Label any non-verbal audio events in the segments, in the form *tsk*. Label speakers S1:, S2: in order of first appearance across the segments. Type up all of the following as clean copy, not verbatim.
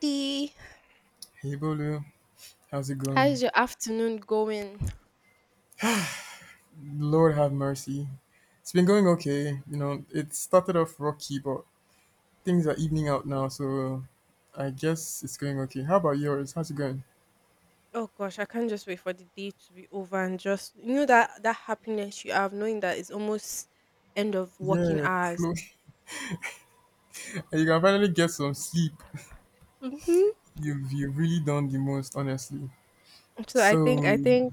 S1: Hey,
S2: Hey Bolu, how's it
S1: how
S2: going?
S1: is your afternoon going?
S2: Lord have mercy. It's been going okay. You know, it started off rocky, but things are evening out now, so I guess it's going okay. How about yours? How's it going?
S1: Oh gosh, I can't just wait for the day to be over and just that happiness you have knowing that it's almost end of working
S2: Yeah,
S1: hours.
S2: close. *laughs* You can finally get some sleep.
S1: Mm-hmm.
S2: You've really done the most, honestly.
S1: So
S2: So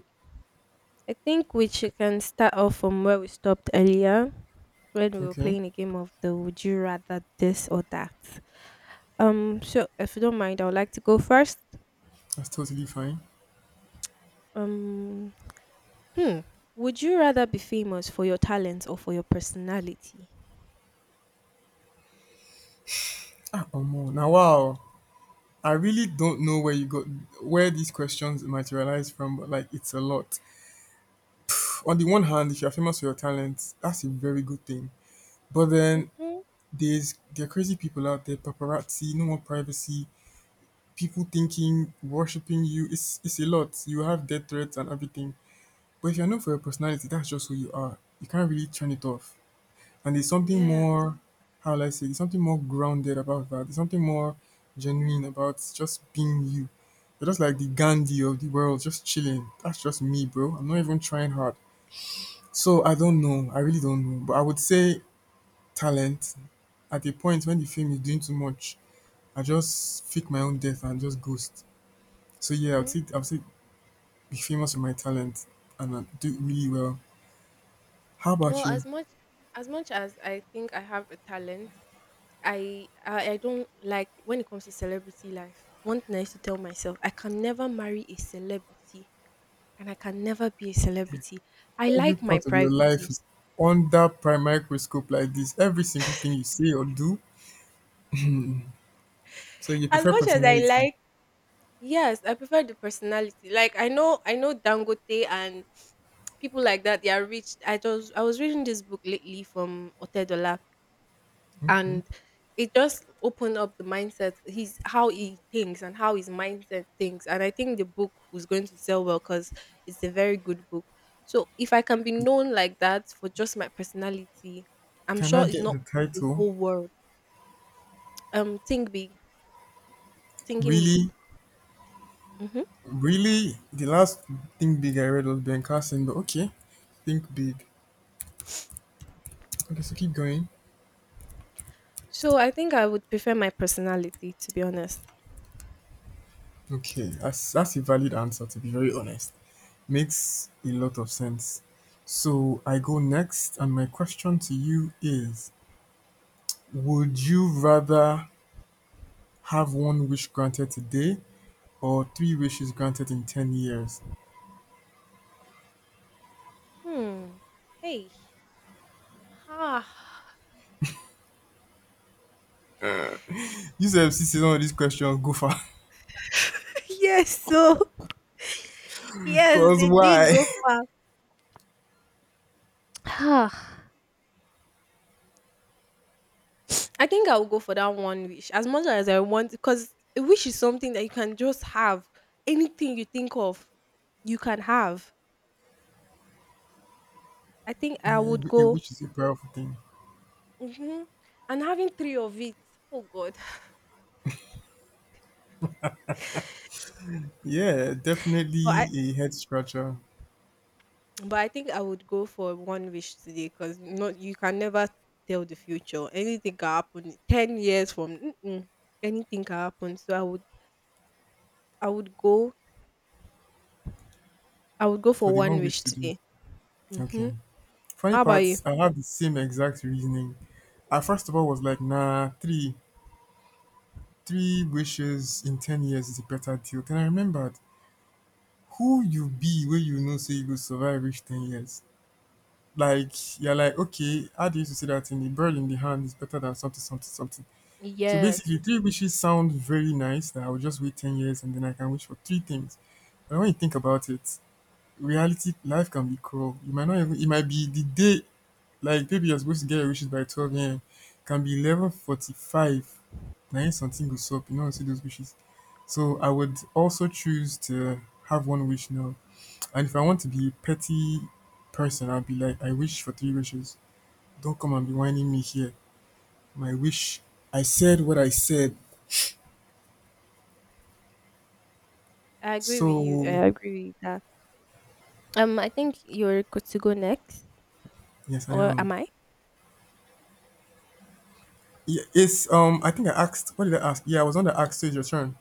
S1: I think we should can start off from where we stopped earlier when we were
S2: okay,
S1: playing a game of the would you rather this or that. So if you don't mind, I would like to go first.
S2: that's totally fine.
S1: Um, hmm, would you rather be famous for your talents or for your personality?
S2: Oh more. Now wow. I really don't know where you got where these questions materialize from, but like it's a lot. On the one hand, if you're famous for your talents, that's a very good thing. But then
S1: Mhm.
S2: there are crazy people out there, paparazzi, no more privacy, people thinking, worshipping you. It's a lot. You have death threats and everything. But if you're known for your personality, that's just who you are. You can't really turn it off. And there's something
S1: Yeah.
S2: more, how will I say, there's something more grounded about that. There's something more genuine about just being you. You're just like the Gandhi of the world, just chilling. That's just me, bro. I'm not even trying hard. So I don't know. I really don't know. But I would say talent. At a point when the film is doing too much, I just fake my own death and just ghost. So yeah,
S1: Mm.
S2: I would say be famous for my talent and do really well. How
S1: Well,
S2: about you?
S1: as much as I think I have a talent, I don't like when it comes to celebrity life. One thing I used to tell myself, I can never marry a celebrity and I can never be a celebrity. I
S2: Every
S1: like my
S2: part of your life
S1: privacy.
S2: is under prime microscope like this. Every single thing you say or do. So you
S1: As
S2: prefer
S1: much as I
S2: personality.
S1: like, yes, I prefer the personality. Like I know Dangote and people like that, they are rich. I was reading this book lately from Otedola,
S2: Okay.
S1: and it just opened up the mindset, he's how he thinks and how his mindset thinks, and I think the book was going to sell well because it's a very good book. So if I can be known like that for just my personality, I'm
S2: Can
S1: sure
S2: I
S1: it's
S2: get
S1: not
S2: the
S1: the
S2: title?
S1: whole world. Think big, thinking big.
S2: Really,
S1: hmm
S2: really, the last Think Big I read was Ben Carson, but okay. Think Big. Okay, so keep going.
S1: so I think I would prefer my personality, to be honest.
S2: Okay, that's a valid answer to be very honest. Makes a lot of sense. So I go next, and my question to you is would you rather have one wish granted today or three wishes granted in 10 years?
S1: Hmm hey ah
S2: You said some of these questions go far. *laughs*
S1: *laughs* Yes, so *laughs* yes,
S2: Because
S1: they did
S2: why?
S1: go
S2: *laughs*
S1: far. *sighs* I think I'll go for that one wish, as much as I want, because a wish is something that you can just have. Anything you think of, you can have. I think I
S2: Yeah,
S1: would
S2: a
S1: go,
S2: wish is a powerful thing.
S1: hmm and having three of it. Oh God!
S2: Yeah,
S1: But I
S2: definitely a head scratcher
S1: but I think I would go for one wish today because not you can never tell the future. Anything can happen. 10 years from, mm-mm, anything can happen. So I would go I would go
S2: for
S1: for
S2: the
S1: one
S2: one wish
S1: wish
S2: to do.
S1: today. Hmm.
S2: Okay. Funny
S1: How about you?
S2: parts, I have the same exact reasoning. I first of all was like, three wishes in 10 years is a better deal. Then I remembered who you be where you know say you will survive reach 10 years. Like, you're like, okay, how do you say that in the bird in the hand is better than something, something, something. So
S1: Yes,
S2: basically, three wishes sound very nice that I will just wait 10 years and then I can wish for three things. But when you think about it, reality, life can be cruel. You might not even, it might be the day. Like babe, you're supposed to get your wishes by 12 AM. Can be 11:45. Na him something goes up. You know, see those wishes. So I would also choose to have one wish now. And if I want to be a petty person, I'll be like, I wish for three wishes. Don't come and be whining me here. My wish. I said what I said.
S1: I agree with you.
S2: So
S1: I agree with that. I think you're good to go next,
S2: yes, I
S1: or
S2: am.
S1: am I?
S2: Yeah, it's. I think I asked. What did I ask? Yeah, I was on the ask, so it's your turn.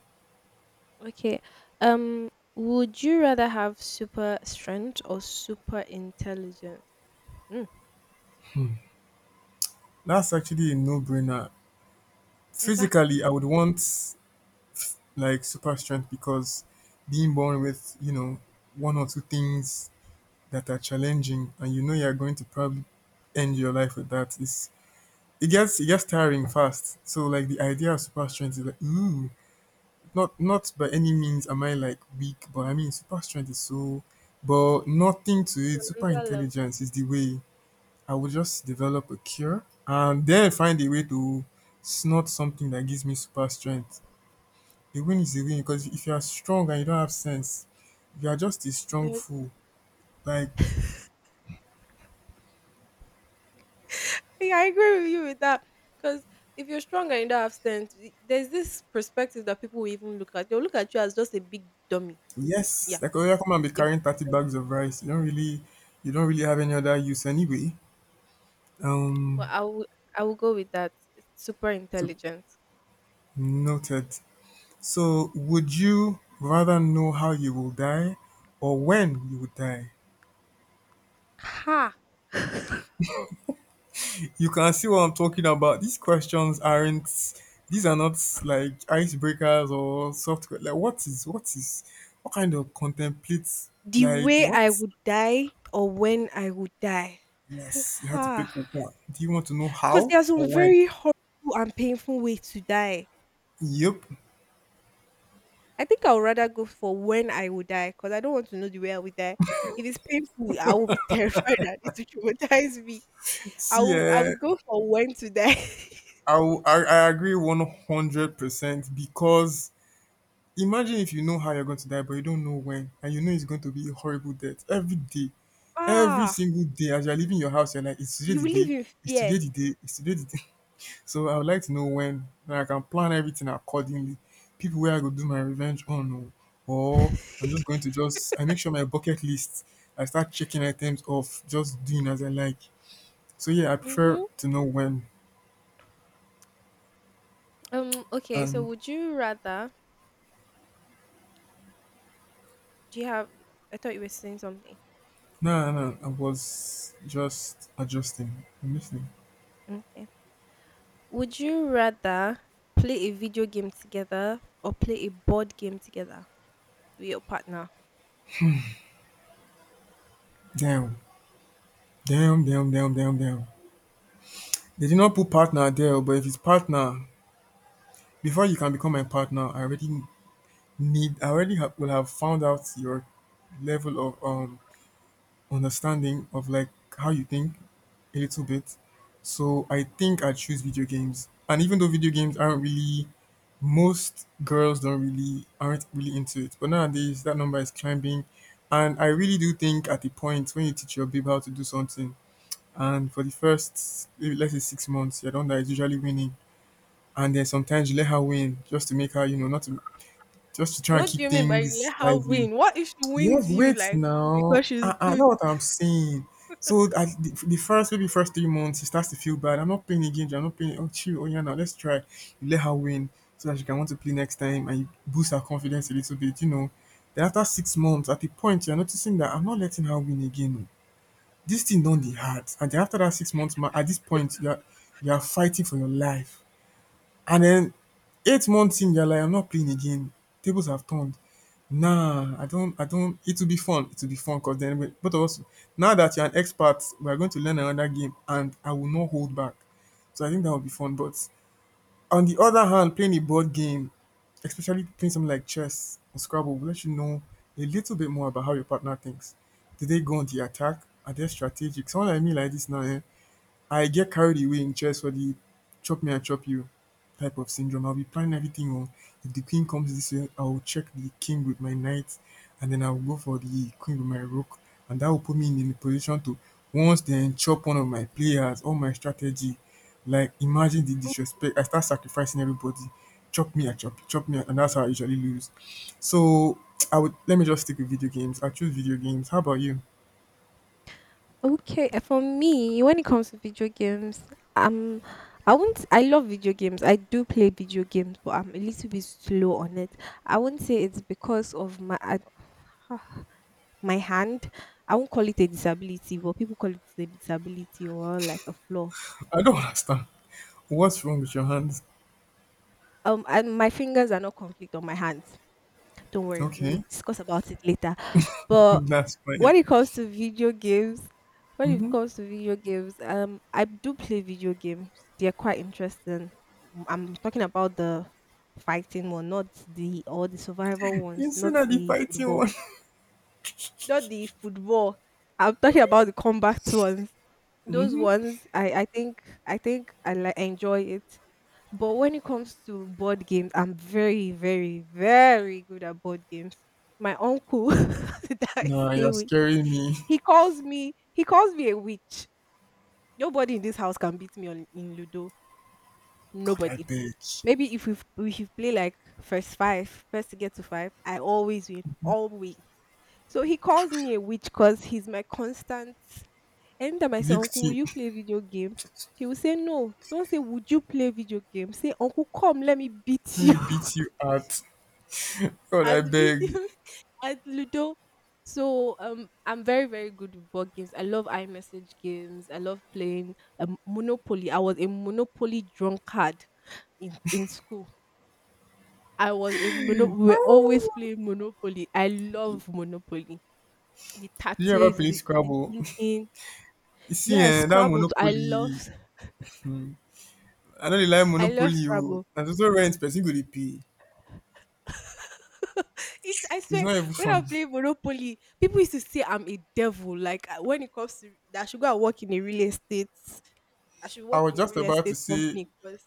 S1: Okay. Um, would you rather have super strength or super intelligence? Mm,
S2: That's actually a no-brainer. Physically, I
S1: exactly.
S2: would want like super strength because being born with you know one or two things that are challenging and you know you're going to probably end your life with that is it gets tiring fast, so like the idea of super strength is like ooh, not not by any means am I like weak, but I mean super strength is so, but nothing to
S1: It's on
S2: it. Super
S1: another level.
S2: intelligence is the way. I would just develop a cure and then find a way to snort something that gives me super strength. A win is a win, because if you are strong and you don't have sense, you are just a strong
S1: You're,
S2: fool. Like
S1: yeah, I agree with you with that. Because if you're strong and you don't have strength, there's this perspective that people will even look at. They'll look at you as just a big dummy. Yeah,
S2: yes, like oh yeah, come and be
S1: a big
S2: carrying 30
S1: dummy.
S2: bags of rice. You don't really have any other use anyway.
S1: But
S2: Um,
S1: I will, I will go with that. It's super
S2: to,
S1: intelligent.
S2: noted. So would you rather know how you will die or when you will die?
S1: Ha.
S2: You can see what I'm talking about. These questions aren't. These are not like icebreakers or software. Like what is what kind of contemplate
S1: The
S2: like
S1: way I
S2: what.
S1: would die or when I would die?
S2: Yes, you have to
S1: Because
S2: pick one. Do you want to know how
S1: there are some
S2: or when?
S1: very horrible and painful ways to die.
S2: Yep.
S1: I think I would rather go for when I would die because I don't want to know the way I would die. If it's painful, I will be *laughs* terrified that it will traumatize me.
S2: See,
S1: I
S2: eh,
S1: would go for when to die.
S2: I agree 100% because imagine if you know how you're going to die, but you don't know when, and you know it's going to be a horrible death every day. Every
S1: *laughs* Ah,
S2: single day, as you're leaving your house, you're like, it's today
S1: you
S2: the
S1: will live
S2: day,
S1: in
S2: it's
S1: fear.
S2: today the day, it's today the day. So I would like to know when, then I can plan everything accordingly. People where I go do my revenge on, oh, or I'm just going to just I make sure my bucket list I start checking items off, just doing as I like. So yeah, I prefer
S1: Mm-hmm.
S2: to know when.
S1: Okay. So,
S2: And
S1: would you rather? Do you have? I thought you were saying something.
S2: no, no, no, I was just adjusting. I'm listening.
S1: Okay. Would you rather play a video game together or play a board game together with your partner?
S2: Damn, Damn. They did not put partner there, but if it's partner, before you can become my partner, I already will have found out your level of understanding of like how you think a little bit. So I think I choose video games. And even though video games aren't really most girls don't really aren't really into it. But nowadays that number is climbing. And I really do think at the point when you teach your babe how to do something and for the first maybe let's say 6 months, you're the one that is usually winning. And then sometimes you let her win just to make her, you know, not to just to try and
S1: What do
S2: keep
S1: you mean by you
S2: things
S1: let her
S2: lively.
S1: win? What if she
S2: Yes,
S1: wins you,
S2: wait
S1: like, because
S2: now.
S1: she's
S2: I
S1: good?
S2: know what I'm saying. So the first maybe first 3 months he starts to feel bad. I'm not playing again. I'm not playing. Oh chill. Oh yeah, now let's try. You let her win so that she can want to play next time and you boost her confidence a little bit. You know. Then after 6 months, at the point you're noticing that I'm not letting her win again. Oh. This thing don't the hard. And then after that 6 months, at this point you're fighting for your life. And then 8 months in, you're like, I'm not playing again. Tables have turned. Nah, I don't. It will be fun. It will be fun because then we, both of us. Now that you're an expert, we are going to learn another game, and I will not hold back. So I think that would be fun. But on the other hand, playing a board game, especially playing something like chess or Scrabble, will let you know a little bit more about how your partner thinks. Did they go on the attack? Are they strategic? Someone like me like this now, eh? I get carried away in chess for the chop me I chop you type of syndrome. I'll be planning everything. Oh, if the queen comes this way, I'll check the king with my knight, and then I'll go for the queen with my rook, and that will put me in a position to once then chop one of my players, all my strategy. Like imagine the disrespect. I start sacrificing everybody. Chop me, I chop, you, chop me, and that's how I usually lose. So *tsk* I would let me just stick with video games. I choose video games. How about you?
S1: Okay, for me, when it comes to video games, um, I won't. I love video games. I do play video games, but I'm a little bit slow on it. I won't say it's because of my *sighs* my hand. I won't call it a disability, but people call it a disability or like a flaw.
S2: I don't *laughs* understand. What's wrong with your hands?
S1: And my fingers are not conflict on my hands. Don't worry, we'll
S2: Okay.
S1: discuss about it later.
S2: *laughs*
S1: But
S2: That's fine.
S1: when it comes to video games, when it comes to video games, I do play video games. They're quite interesting. I'm talking about the fighting one, not the or the survival ones,
S2: You
S1: not
S2: said that the
S1: the
S2: fighting
S1: football,
S2: one. *laughs*
S1: not the football. I'm talking about the combat ones. Those ones, I think I like enjoy it. But when it comes to board games, I'm very, very, very good at board games. My uncle *laughs* that I
S2: Nah,
S1: stay
S2: you're
S1: with,
S2: scaring me.
S1: he calls me a witch. Nobody in this house can beat me on in Ludo.
S2: God, I
S1: Nobody.
S2: beg.
S1: Maybe if you play like first five, first to get to five, I always win, always. So he calls me a witch because he's my constant. Anytime I say, Uncle, will
S2: Victim,
S1: you play video game? He will say, no. Don't say, would you play video game? Say, Uncle, come, let me
S2: *laughs*
S1: beat
S2: let
S1: you.
S2: me
S1: *laughs*
S2: beat you out. God,
S1: At
S2: I
S1: video,
S2: beg.
S1: *laughs* at Ludo. So I'm very, very good with board games. I love iMessage games. I love playing Monopoly. I was a Monopoly drunkard in school. I was a mono we were always
S2: Oh.
S1: playing Monopoly. I love Monopoly. The
S2: Did you ever
S1: tactics,
S2: play
S1: the
S2: Scrabble? *laughs*
S1: thinking.
S2: You see,
S1: Yeah,
S2: eh, that
S1: Scrabble too.
S2: Monopoly. I know they like
S1: I love
S2: Monopoly. Oh.
S1: Scrabble.
S2: And also rent, person go dey pay.
S1: *laughs* It, I
S2: It's
S1: swear,
S2: not even
S1: when I
S2: funny.
S1: play Monopoly, people used to say I'm a devil. Like when it comes to that, I should go and work in a real estate. I should
S2: I
S1: work
S2: was
S1: in a
S2: just
S1: real
S2: about to
S1: estate
S2: say,
S1: company because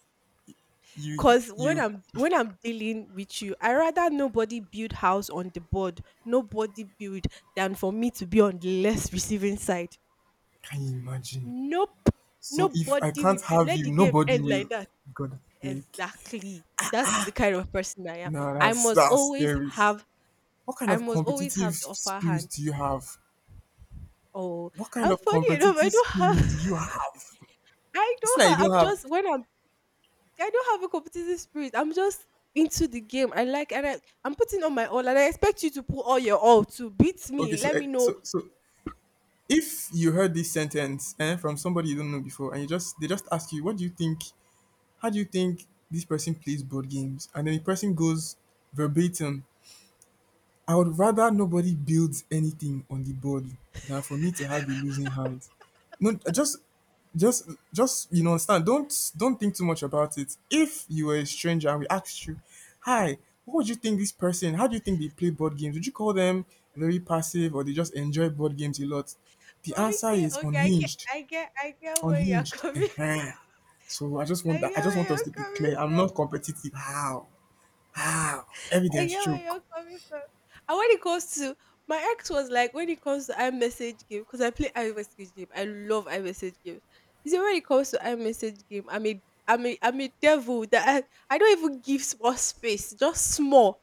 S2: you,
S1: cause
S2: you,
S1: when I'm dealing with you, I rather nobody build house on the board, nobody build than for me to be on the less receiving side.
S2: can you imagine?
S1: Nope.
S2: So if I
S1: Nobody will
S2: can't
S1: build.
S2: have
S1: Let
S2: you,
S1: the game
S2: nobody
S1: end like
S2: will.
S1: that.
S2: God, I beg.
S1: Exactly. That is the kind of person I am.
S2: Nah,
S1: I must
S2: that's
S1: always
S2: scary.
S1: have
S2: What kind
S1: I
S2: of
S1: must always
S2: competitive
S1: have the upper
S2: spirit
S1: hand.
S2: do you have?
S1: Oh,
S2: What kind
S1: I'm
S2: of
S1: funny enough. I
S2: competitive
S1: don't
S2: spirit do you
S1: have
S2: have?
S1: *laughs* I
S2: It's
S1: don't
S2: not you
S1: have I'm
S2: don't have.
S1: just when I'm I don't have a competitive spirit. I'm just into the game. I like I'm putting on my all and I expect you to put all your all to beat
S2: Okay,
S1: me.
S2: so
S1: Let
S2: eh,
S1: me know.
S2: so if you heard this sentence eh, from somebody you don't know before, and you just they just ask you, what do you think? How do you think this person plays board games? And then the person goes verbatim I would rather nobody builds anything on the board than for me to have a losing hand. No, just you know, understand. Don't think too much about it. If you were a stranger and we asked you, "Hi, what would you think this person? How do you think they play board games? Would you call them very passive or they just enjoy board games a lot?" The answer
S1: Okay,
S2: is
S1: okay, I get
S2: unhinged,
S1: I get I get where you're
S2: unhinged.
S1: coming,
S2: Ehen. So I just
S1: *laughs* I
S2: want
S1: get
S2: that. I just want
S1: where
S2: us
S1: you're
S2: to be
S1: coming
S2: clear. I'm
S1: from.
S2: not competitive. How? How?
S1: I
S2: Evidence
S1: get where
S2: choke.
S1: you're coming from. And when it comes to my ex was like when it comes to iMessage game, because I play iMessage game. I love iMessage games. You see, when it comes to iMessage game, I'm a devil that I don't even give small space, just small,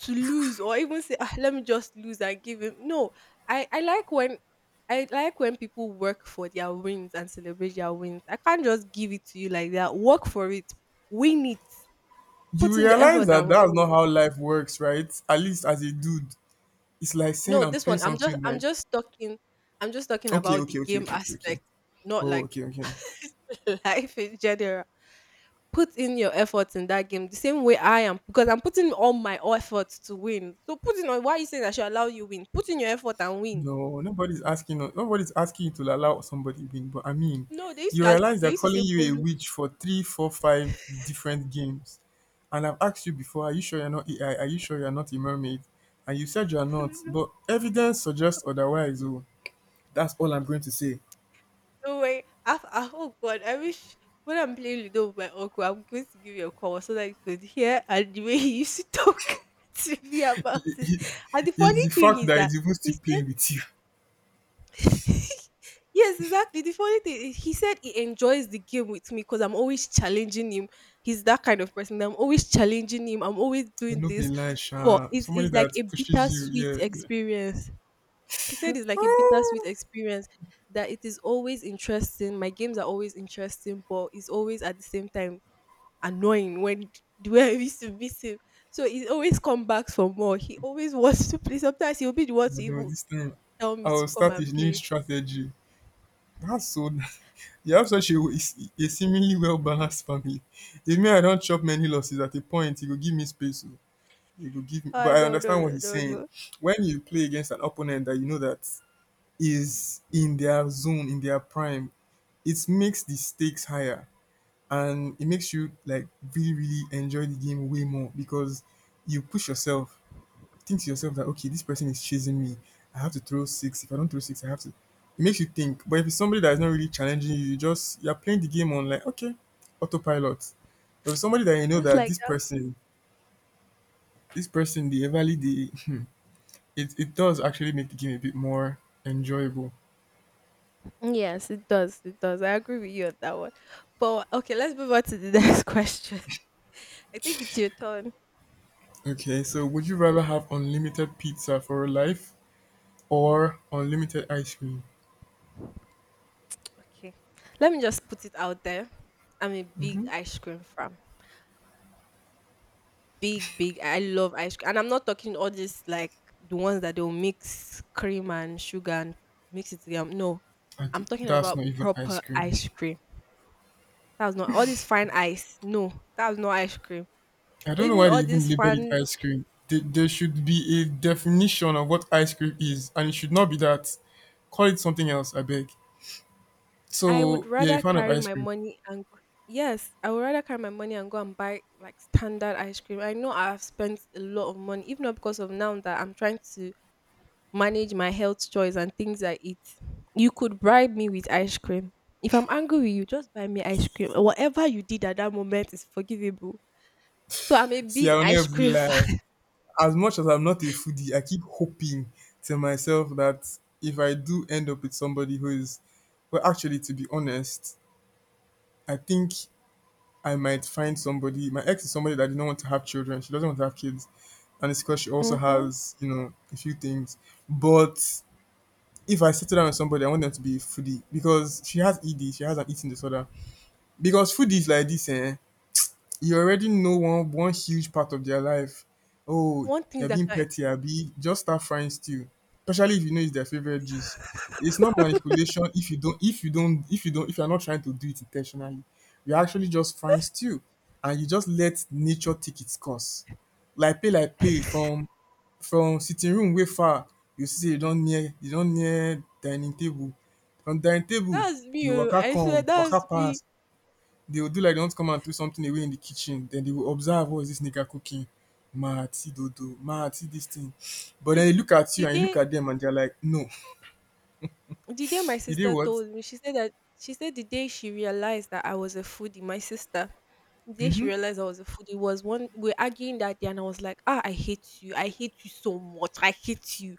S1: to lose. Or even say, ah, let me just lose and give him. No, I, I like when I like when people work for their wins and celebrate their wins. I can't just give it to you like that. Work for it, win it,
S2: You
S1: put in the
S2: realize
S1: effort
S2: that
S1: and
S2: that's
S1: win it.
S2: not how life works, right? At least as a dude, it's like saying
S1: No,
S2: I'm
S1: this
S2: playing
S1: one
S2: something like,
S1: I'm just talking
S2: okay,
S1: about the
S2: okay, okay,
S1: game
S2: okay, okay, okay.
S1: aspect, not
S2: Oh,
S1: like
S2: okay, okay.
S1: *laughs* life in general. Put in your efforts in that game the same way I am because I'm putting all my efforts to win. So put in, on why are you saying I should allow you win? Put in your effort and win.
S2: No, nobody's asking. Nobody's asking you to allow somebody win. But I mean,
S1: No,
S2: you realize
S1: they
S2: they're
S1: used to say
S2: calling you a
S1: Bolu.
S2: witch for three, four, five different games. And I've asked you before, are you sure you're not AI? Are you sure you're not a mermaid? And you said you're not.
S1: *laughs*
S2: But evidence suggests otherwise. Oh, that's all I'm going to say.
S1: No, not worry. Oh God, I wish when I'm playing Ludo with my uncle, I'm going to give you a call so that you could hear, and the way he used to talk *laughs* to me about it. And the
S2: *laughs*
S1: funny
S2: Is the
S1: thing
S2: fact
S1: is
S2: that
S1: that
S2: it's even still
S1: he
S2: playing with you.
S1: said, *laughs* yes, exactly. The funny thing is he said he enjoys the game with me because I'm always challenging him. He's that kind of person. I'm always challenging him. I'm always
S2: But
S1: doing
S2: no be
S1: this.
S2: lie,
S1: But
S2: sha. Somebody
S1: it's like
S2: that
S1: a
S2: pushes you,
S1: bittersweet
S2: yeah, yeah.
S1: experience he said it's like a bittersweet
S2: Ah,
S1: experience that it is always interesting. My games are always interesting, but it's always at the same time annoying when the way I used to beat him. So he always come back for more. He always wants to play. Sometimes he'll be the one
S2: I
S1: to
S2: know
S1: even
S2: this time
S1: tell me
S2: I
S1: to
S2: will
S1: come
S2: start a
S1: and
S2: new
S1: play.
S2: strategy. That's so nice. *laughs* You have such a seemingly well balanced family. If me, I don't chop many losses at a point, he will give me space. Oh. He will give me,
S1: Ah,
S2: but I
S1: no no
S2: understand what
S1: no
S2: he's
S1: no
S2: saying.
S1: no.
S2: When you play against an opponent that you know that is in their zone, in their prime, it makes the stakes higher, and it makes you like really really enjoy the game way more because you push yourself, think to yourself that okay, this person is chasing me, I have to throw six, if I don't throw six I have to, it makes you think. But if it's somebody that is not really challenging you, you just, you're playing the game on like okay, autopilot. But if somebody that you know
S1: Just
S2: that
S1: like
S2: this
S1: that.
S2: person, this person the everly the it, it does actually make the game a bit more enjoyable.
S1: Mm, yes, it does. It does. I agree with you on that one. But okay, let's move on to the *laughs* next question. I think it's your turn.
S2: Okay, so would you rather have unlimited pizza for your life or unlimited ice cream?
S1: Okay. Let me just put it out there. I'm a big
S2: Hmm.
S1: ice cream fan. Big, big. I love ice cream, and I'm not talking all this like the ones that they'll mix cream and sugar and mix it together. No,
S2: I
S1: I'm
S2: d-
S1: talking
S2: that's
S1: about
S2: not even ice
S1: proper
S2: cream.
S1: ice cream. That's not all this fine ice. No, that's not ice cream.
S2: I
S1: Or
S2: don't know
S1: even
S2: why they
S1: all
S2: even
S1: this
S2: labeled it
S1: fun.
S2: ice cream. They, there should be a definition of what ice cream is, and it should not be that. Call it something else, I beg.
S1: I would
S2: So, yeah, a
S1: rather
S2: fan of
S1: carry
S2: ice
S1: my
S2: cream.
S1: money and go. Yes, I would rather carry my money and go and buy like standard ice cream. I know I've spent a lot of money, if not because of now that I'm trying to manage my health choice and things I eat. You could bribe me with ice cream. If I'm angry with you, just buy me ice cream. Whatever you did at that moment is forgivable. So I'm a
S2: See,
S1: big
S2: I'll
S1: ice
S2: never
S1: cream *laughs*
S2: lie.
S1: fan.
S2: As much as I'm not a foodie, I keep hoping to myself that if I do end up with somebody who is, well, actually, to be honest, I think I might find somebody. My ex is somebody that did not want to have children. She doesn't want to have kids, and it's because she also
S1: Mm-hmm.
S2: has, you know, a few things. But if I settle down with somebody, I want them to be foodie because she has ED. She has an eating disorder. Because foodies like this, eh, you already know one huge part of their life. Oh,
S1: One thing
S2: you're
S1: that
S2: being
S1: I
S2: petty, Abby. Just start frying stew, especially if you know it's their favorite dish. It's not manipulation if you don't if you don't if you don't if you're not trying to do it intentionally. You're actually just frying stew, and you just let nature take its course. Like play from sitting room way far. You see, you don't near dining table. From dining table,
S1: That's
S2: the
S1: me. Oh,
S2: waka
S1: I swear
S2: come, waka
S1: that's me.
S2: pass, they will do like they want to come and throw something away in the kitchen. Then they will observe, what is this nigga cooking? Ma see dodo, ma see this thing. But
S1: The
S2: then they look at
S1: the
S2: you and you look
S1: day
S2: at them and they're like, no,
S1: The day my
S2: did they
S1: sister
S2: what?
S1: told me. She said the day she realized that I was a foodie, my sister, the day she realized I was a foodie was one we're arguing that day, and I was like, ah, I hate you so much, I hate you.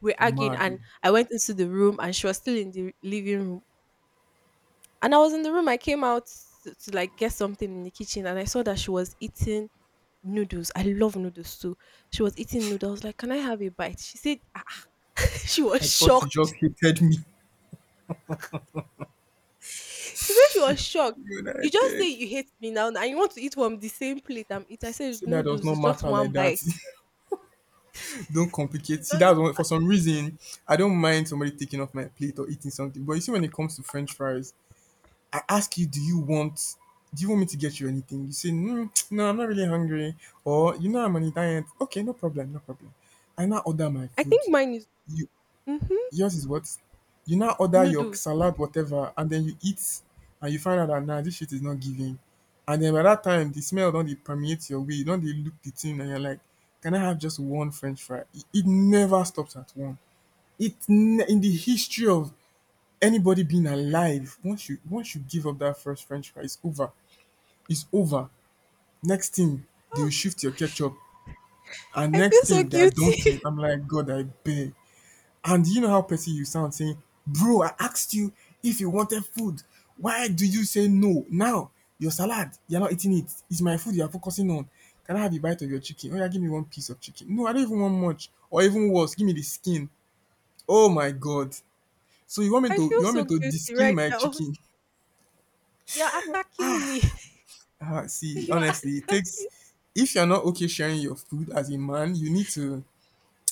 S1: We're arguing,
S2: Mad. Oh.
S1: and I went into the room, and she was still in the living room, and I was in the room. I came out to like get something in the kitchen, and I saw that she was eating noodles. I love noodles too. She was eating noodles. I was like, can I have a bite? She said, ah, *laughs* she was
S2: I thought you
S1: shocked.
S2: just hated me. *laughs*
S1: She said she was shocked.
S2: You know, I
S1: You just say
S2: beg.
S1: you hate me now and you want to eat from the same plate I'm eating. I said it's
S2: See, that does
S1: noodles,
S2: not
S1: it's just
S2: matter
S1: one
S2: like that.
S1: bite.
S2: *laughs* Don't complicate.
S1: It
S2: See, that's
S1: doesn't
S2: one, for
S1: matter.
S2: some reason, I don't mind somebody taking off my plate or eating something. But you see, when it comes to French fries, I ask you, do you want me to get you anything? You say, mm, no, I'm not really hungry. Or you know I'm on a diet. Okay, no problem, no problem. I now order my
S1: I
S2: food.
S1: think mine is,
S2: You,
S1: mm-hmm,
S2: yours is what? You now order your
S1: noodles.
S2: salad, whatever, and then you eat and you find out that nah, this shit is not giving. And then by that time the smell don't dey permeate your way, you don't they look the thing and you're like, can I have just one French fry? It never stops at one. It ne- in the history of anybody being alive, once you give up that first French fry, it's over. It's over. Next thing, they
S1: Oh
S2: will shift your
S1: gosh.
S2: ketchup, and
S1: I feel
S2: next
S1: so
S2: thing they are
S1: guilty.
S2: dunking. I'm
S1: *laughs*
S2: like, God, I beg. And you know how petty you sound saying, bro, I asked you if you wanted food, why do you say no now? Your salad you're not eating, it it's my food you're focusing on. Can I have a bite of your chicken? Oh yeah, give me one piece of chicken. No, I don't even want much. Or even worse, give me the skin. Oh my god. So you want me
S1: I
S2: to
S1: feel
S2: you want me
S1: so
S2: to
S1: guilty
S2: de-skin
S1: right
S2: my
S1: now.
S2: chicken?
S1: You're attacking me.
S2: Ah,
S1: *laughs*
S2: see,
S1: You're
S2: honestly, it takes,
S1: attacking
S2: if you're not okay sharing your food as a man, you need to,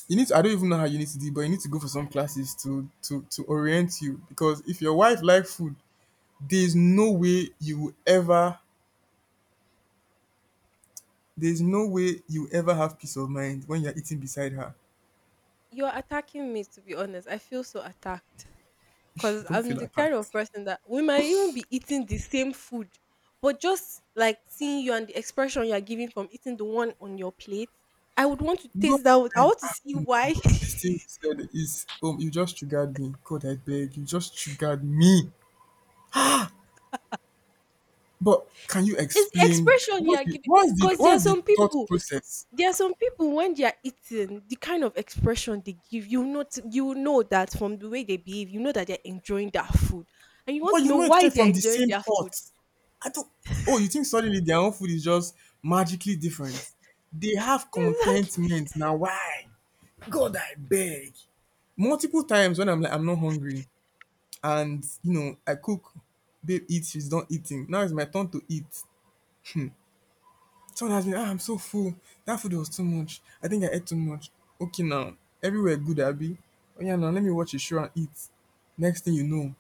S2: you need to, I don't even know how you need to do it, but you need to go for some classes to to orient you, because if your wife like food, there's no way you will ever there's no way you will ever have peace of mind when you're eating beside her.
S1: you're attacking me, to be honest. I feel so attacked. Cause
S2: Don't
S1: I'm
S2: feel
S1: the
S2: like that.
S1: kind of person that we might even be eating the same food, but just like seeing you and the expression you are giving from eating the one on your plate, I would want to
S2: Go,
S1: taste that. I
S2: I-
S1: want to
S2: ah,
S1: see
S2: oh my
S1: why. *laughs*
S2: god. This thing you said is you just triggered me. God, I beg, you just triggered me. But can you
S1: It's the
S2: explain
S1: expression you
S2: what's
S1: are
S2: the
S1: giving.
S2: what's the
S1: Cause there are
S2: what's the
S1: some
S2: thought
S1: people,
S2: process?
S1: there are some people when they are eating, the kind of expression they give, you know that from the way they behave, you know that they're enjoying their food, and you want
S2: But
S1: to
S2: you
S1: know
S2: know it
S1: why
S2: came
S1: they're
S2: from the
S1: enjoying
S2: same
S1: their food.
S2: pot. I don't. Oh, you think suddenly their own food is just magically different? They have
S1: *laughs* Exactly.
S2: contentment now. Why? God, I beg. Multiple times when I'm like I'm not hungry, and you know I cook, babe eats, she's done eating. Now it's my turn to eat. Someone has been, ah, I'm so full. That food was too much. I think I ate too much. Okay now, everywhere good, Abby. Oh yeah, now let me watch a show and eat. Next thing you know,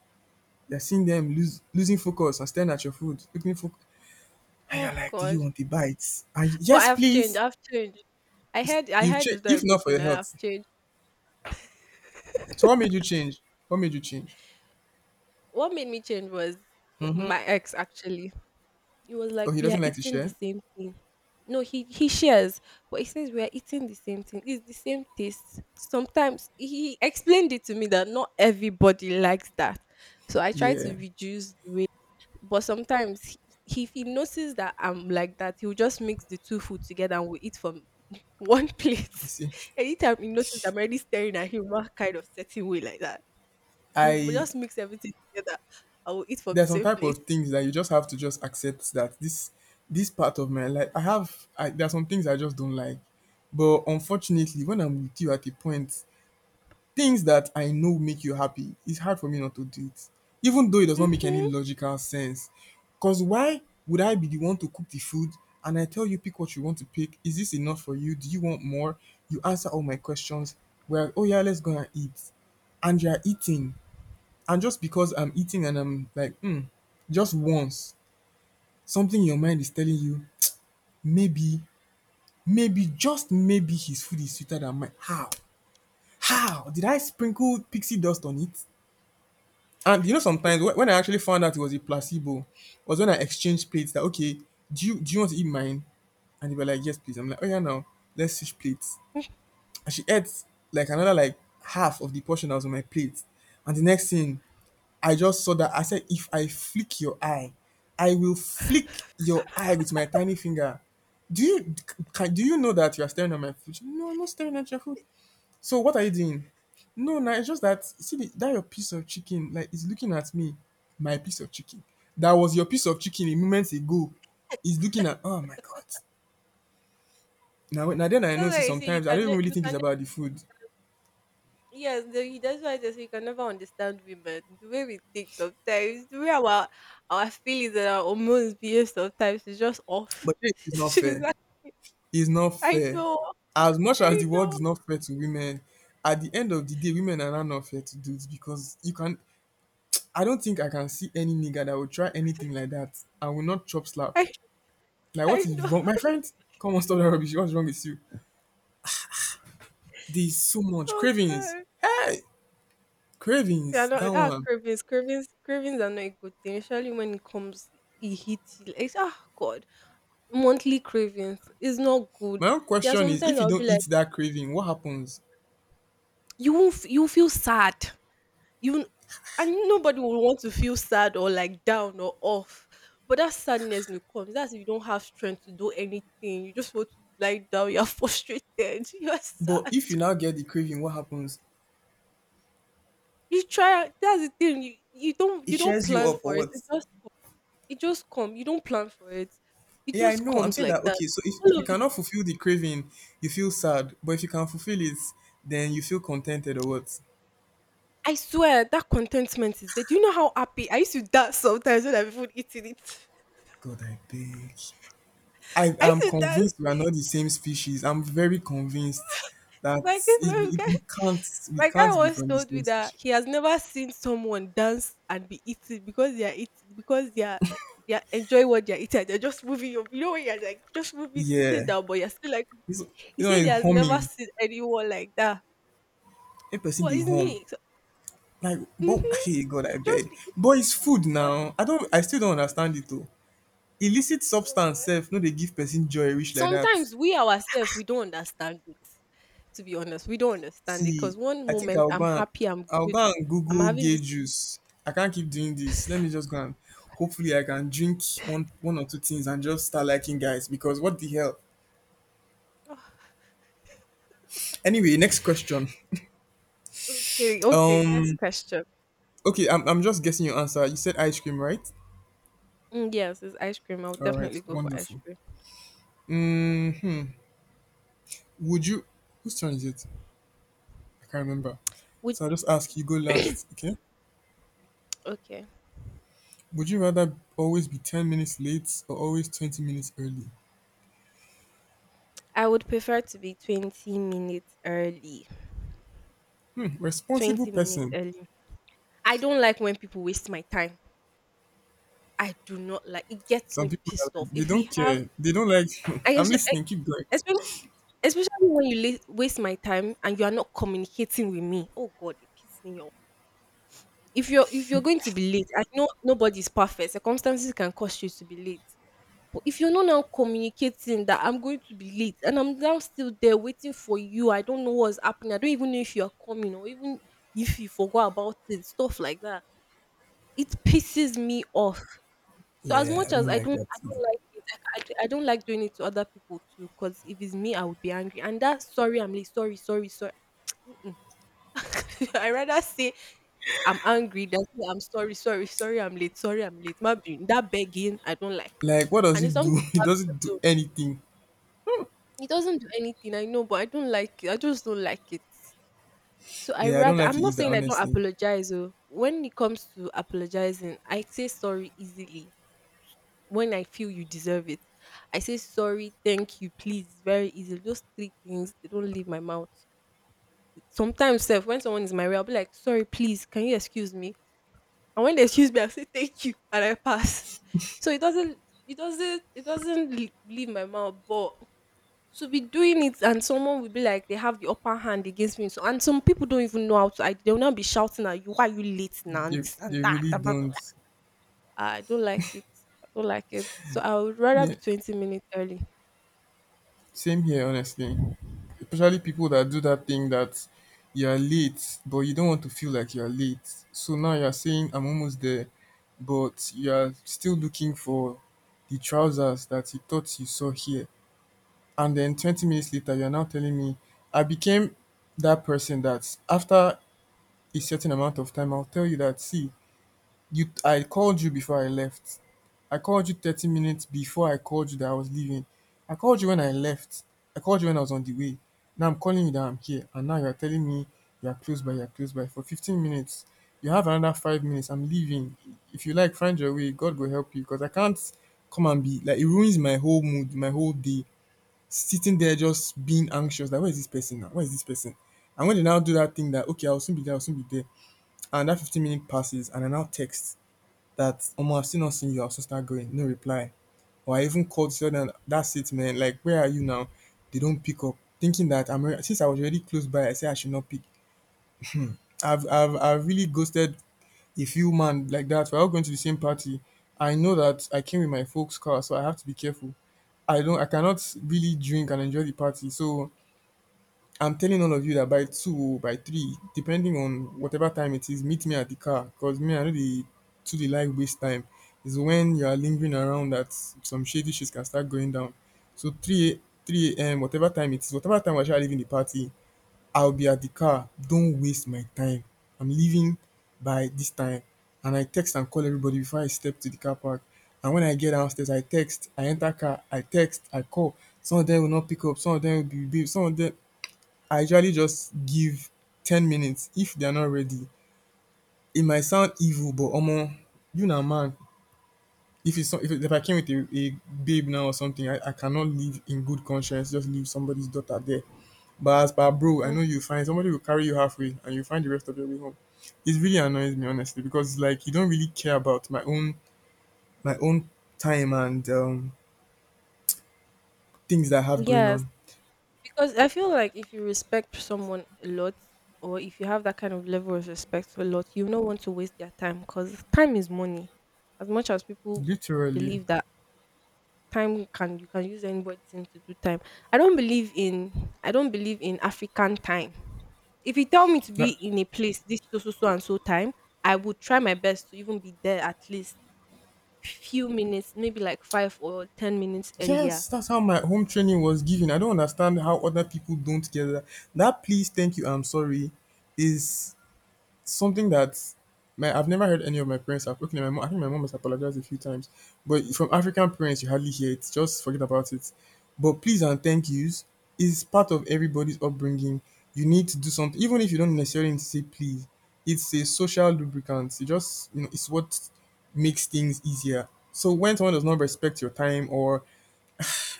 S2: you're seeing them lose, losing focus and staring at your food, looking for, and you're
S1: Oh
S2: like, "Do you
S1: God.
S2: want the bites?" And you,
S1: But
S2: yes,
S1: I've changed.
S2: please.
S1: I've changed. I
S2: It's,
S1: heard, I
S2: you've
S1: heard
S2: changed,
S1: it's not a
S2: if not
S1: good
S2: for
S1: thing,
S2: your
S1: and I've
S2: health.
S1: changed.
S2: So what made you change? What made you change?
S1: What made me change was, oh,
S2: Mm-hmm.
S1: my ex actually. It was
S2: Oh,
S1: like
S2: he
S1: we are
S2: doesn't like to
S1: eating the
S2: share.
S1: same thing. No, he shares, but he says we are eating the same thing. It's the same taste. Sometimes he explained it to me that not everybody likes that. So I try
S2: Yeah,
S1: to reduce the way. But sometimes if he notices that I'm like that, he'll just mix the two food together and we'll eat from *laughs* one
S2: you
S1: plate.
S2: see,
S1: *laughs* Anytime he notices I'm already staring at him one kind of certain way like that, he will
S2: I,
S1: just mix everything together. I will eat from the
S2: there are some
S1: same
S2: type of
S1: plate.
S2: things that you just have to just accept that this part of my life I have I, there are some things I just don't like, but unfortunately, when I'm with you at a point, things that I know make you happy, it's hard for me not to do it, even though it does not make any
S1: Hmm.
S2: logical sense. Because why would I be the one to cook the food and I tell you pick what you want to pick? Is this enough for you? Do you want more? You answer all my questions. Well, oh yeah, let's go and eat. And you're eating. And just because I'm eating and I'm like, hmm, just once, something in your mind is telling you, maybe, maybe, just maybe his food is sweeter than mine. How? How? Did I sprinkle pixie dust on it? And you know, sometimes when
S1: *laughs*
S2: when I actually found out it was a placebo, was when I exchanged plates. That okay, do you want to eat mine? And they were like, yes, please. I'm like, oh yeah, now let's switch plates and she ate like another like half of the portion that was on my plate. And the next thing, I just saw that I said, if I flick your eye, I will flick your eye with my tiny finger. Do you can, do you know that you are staring at my food? She, no, I'm not staring at your food. So what are you doing? No, no, it's just that see the, that your piece of chicken, like is looking at me, my piece of chicken. That was your piece of chicken a moment ago. He's looking at, oh my god. Now, now then I
S1: That's
S2: know,
S1: why
S2: see,
S1: I say
S2: sometimes I don't even really think it's about the food.
S1: yes, that's why I just say you can never understand women. The way we think sometimes, the way our feelings and our hormones behave sometimes is just off.
S2: But then
S1: *laughs*
S2: it's not
S1: She's
S2: fair.
S1: like,
S2: It's not
S1: I
S2: fair.
S1: know,
S2: As much as
S1: I
S2: the world
S1: know.
S2: is not fair to women, at the end of the day, women are not not fair to dudes because you can. I don't think I can see any nigga that will try anything like that and will not chop slap.
S1: I
S2: Like, what
S1: I
S2: is
S1: know.
S2: wrong? My
S1: *laughs*
S2: friend, come on, stop that rubbish. What's wrong with you? There's so much
S1: Oh
S2: cravings.
S1: God.
S2: Hey,
S1: They are
S2: cravings. That
S1: not, ah,
S2: one.
S1: cravings, cravings, cravings are not a good thing. Especially when it comes, it hits you. Like, it's, ah God, monthly cravings is not good.
S2: My own
S1: There are
S2: question is
S1: sometimes
S2: if you
S1: I'll be
S2: don't
S1: like,
S2: eat that craving, what happens?
S1: you won't, you feel sad. You, and nobody will want to feel sad or like down or off. But that sadness will come. That's if you don't have strength to do anything. You just want to lie down. You're *laughs* frustrated. You're
S2: But
S1: sad.
S2: if you now get the craving, what happens?
S1: You try. That's the thing. You you don't
S2: It
S1: you don't
S2: cheers you
S1: plan
S2: up
S1: for
S2: or
S1: it. It
S2: what?
S1: just It just come. You don't plan for it. It
S2: Yeah, I
S1: just
S2: know. I'm
S1: comes
S2: saying
S1: like
S2: that
S1: that.
S2: okay, so if
S1: All of
S2: you
S1: it.
S2: cannot fulfill the craving, you feel sad. But if you can fulfill it, then you feel contented or what?
S1: I swear that contentment is there. Do you know how happy I used to dance sometimes when I'm even eating it?
S2: God, I beg. I
S1: *laughs* I
S2: am
S1: used to dance.
S2: convinced we are not the same species. I'm very convinced that
S1: My guy,
S2: it,
S1: my
S2: it,
S1: guy,
S2: we can't we
S1: my guy
S2: can't be
S1: once
S2: from the
S1: told me
S2: same
S1: that
S2: species.
S1: he has never seen someone dance and be eating because they are eating because they are enjoying what they are eating. They're just moving, you know, when you're like just moving sitting
S2: Yeah.
S1: down, but you're still like,
S2: It's,
S1: he
S2: you
S1: said he
S2: know,
S1: has never
S2: humming.
S1: seen anyone like that.
S2: A person
S1: What
S2: be
S1: is
S2: home.
S1: me? So,
S2: Like,
S1: hmm
S2: but hey God, I
S1: just
S2: beg.
S1: be
S2: But it's food now. I still don't understand it though. Illicit
S1: oh
S2: substance
S1: God.
S2: self, no they give person joy reach like that.
S1: Sometimes we ourselves we don't understand it. To be honest, we don't understand it
S2: See,
S1: because one
S2: I think
S1: moment
S2: I'll go
S1: I'm
S2: and
S1: happy, I'm
S2: I'll
S1: good,
S2: go and
S1: I'm
S2: Google
S1: having
S2: gay
S1: this.
S2: juice. I can't keep doing this. Let me just go and hopefully I can drink one or two things and just start liking guys because what the hell?
S1: *sighs*
S2: Anyway, next question.
S1: Oh, okay, okay. Next
S2: Um
S1: question.
S2: okay, I'm just guessing your answer. You said ice cream, right?
S1: Mm, yes, it's ice cream. I would
S2: All right,
S1: definitely go for ice
S2: wonderful.
S1: cream.
S2: hmm Would you whose turn is it? I can't remember.
S1: Would
S2: So I'll just ask you go last,
S1: *coughs*
S2: okay?
S1: *clears throat* okay.
S2: Would you rather always be 10 minutes late or always 20 minutes early?
S1: I would prefer to be 20 minutes early.
S2: Hmm, responsible
S1: 20 minutes
S2: person.
S1: early. I don't like when people waste my time. I do not like. It gets
S2: Some
S1: me
S2: people are
S1: pissed off.
S2: like, they
S1: If we
S2: don't
S1: have,
S2: care. They don't like.
S1: I
S2: *laughs*
S1: guess,
S2: I'm listening. Keep going.
S1: especially when you late waste my time and you are not communicating with me, oh God, it pisses me off. If you're going to be late, I know nobody is perfect. Circumstances can cause you to be late. But if you're not now communicating that I'm going to be late and I'm now still there waiting for you, I don't know what's happening. I don't even know if you are coming, or even if you forgot about it, stuff like that. It pisses me off. So as
S2: Yeah,
S1: much
S2: I
S1: as
S2: don't like that.
S1: I don't
S2: Either.
S1: like it. I don't like doing it to other people too. Cause if it's me, I would be angry. And that's sorry, I'm late. Sorry, sorry, sorry. Mm-mm. *laughs* I rather say I'm angry than say I'm sorry, sorry, sorry, I'm late, sorry, I'm late. My being that begging, I don't like it.
S2: Like, what does
S1: And it's
S2: it
S1: something
S2: do?
S1: you
S2: *laughs* It
S1: have to
S2: doesn't do
S1: do.
S2: anything.
S1: It doesn't do anything, I know, but I don't like it. I just don't like it. So I
S2: Yeah, I don't
S1: rather,
S2: like
S1: I'm
S2: it
S1: not
S2: either.
S1: saying I don't
S2: Honestly,
S1: apologize. Oh. When it comes to apologizing, I say sorry easily when I feel you deserve it. I say sorry, thank you, please. Very easy. Those three things they don't leave my mouth. Sometimes, self, when someone is my way, I'll be like, sorry, please, can you excuse me? And when they excuse me, I say thank you and I pass. So it doesn't leave my mouth, but to be doing it and someone will be like they have the upper hand against me. So and some people don't even know how to, I, they'll now be shouting at you, why are you late now? And this and
S2: they
S1: that,
S2: really
S1: blah, blah, blah,
S2: don't.
S1: I don't like it. I don't like it. So I would rather
S2: Yeah,
S1: be 20 minutes early.
S2: same here. Honestly, especially people that do that thing that you are late, but you don't want to feel like you are late. So now you are saying I'm almost there, but you are still looking for the trousers that you thought you saw here. And then 20 minutes later you are now telling me I became that person that after a certain amount of time I'll tell you that, see, you I called you before I left. I called you 30 minutes before, I called you that I was leaving. I called you when I left. I called you when I was on the way. Now I'm calling you that I'm here and now you're telling me you're close by for 15 minutes. You have another 5 minutes. I'm leaving. If you like, find your way. God will help you because I can't come and be like it ruins my whole mood, my whole day sitting there just being anxious. Like, where is this person now? Where is this person? And when they now do that thing that okay, I'll soon be there, and that 15-minute passes and I now text that, Omo, I've still not seen you, I'll soon start going, no reply. Or I even called so that that's it, man. Like, where are you now? They don't pick up. Thinking that since I was already close by, I said I should not pick. I've really ghosted a few man like that. We're all going to the same party. I know that I came with my folks' car, so I have to be careful. I cannot really drink and enjoy the party. So I'm telling all of you that by two, by three, depending on whatever time it is, meet me at the car. Cause me, I know the to the like waste time. Is when you are lingering around that some shady shit can start going down. So three, three a.m. whatever time it is, whatever time I shall leave in the party, I'll be at the car. Don't waste my time. I'm leaving by this time, and I text and call everybody before I step to the car park. And when I get downstairs, I text, I enter car, I text, I call. Some of them will not pick up. Some of them will be, some of them I usually just give 10 minutes if they're not ready. It might sound evil but omo, you na man. If it's some, if, it, if I came with a babe now or something, I cannot leave in good conscience just leave somebody's daughter there, but as per bro I
S1: Mm,
S2: know you find somebody will carry you halfway and you find the rest of your way home. It really annoys me honestly because like you don't really care about my own time and things that I have going
S1: yes.
S2: on
S1: Because I feel like if you respect someone a lot, or if you have that kind of level of respect a lot, you don't want to waste their time because time is money. As much as people
S2: literally.
S1: believe that time, can you, can use anybody to do time. I don't believe in African time. If you tell me to be
S2: Like,
S1: in a place this so so so and so time, I would try my best to even be there at least few minutes, maybe like 5 or 10 minutes earlier.
S2: yes, that's how my home training was given. I don't understand how other people don't get that. That please, thank you, I'm sorry is something that my I've never heard any of my parents have. Okay, my mom, I think my mom has apologized a few times. But from African parents you hardly hear it. Just forget about it. But please and thank yous is part of everybody's upbringing. You need to do something even if you don't necessarily need to say please. It's a social lubricant. It just, you know, it's what makes things easier. So when someone does not respect your time or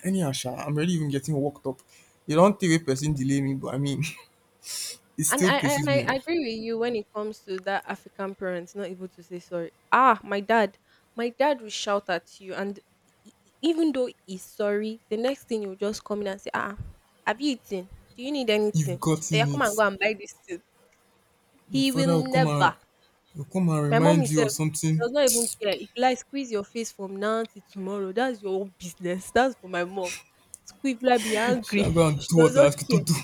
S2: anyhow sha, I'm already even getting worked up. You don't think a person delay me, but I mean, *laughs* it
S1: And
S2: still
S1: I
S2: pisses
S1: and I
S2: me
S1: I
S2: off.
S1: agree with you when it comes to that African parents not able to say sorry. Ah, my dad will shout at you, and even though he's sorry, the next thing you'll just come in and say, ah, have you eaten? Do you need
S2: You've
S1: anything? Eh, yeah,
S2: gotten
S1: come and go
S2: it.
S1: and buy this thing.
S2: Your
S1: He
S2: father
S1: will never.
S2: will come and
S1: My mom
S2: remind you of
S1: herself, she
S2: something.
S1: does not even care. If you like, squeeze your face from now till tomorrow, that's your own business. That's for my mom. Squeeze, like, be
S2: *laughs*
S1: angry.
S2: Shall I go
S1: *laughs*
S2: and
S1: She
S2: do
S1: does
S2: what I
S1: not
S2: ask you
S1: care.
S2: to do?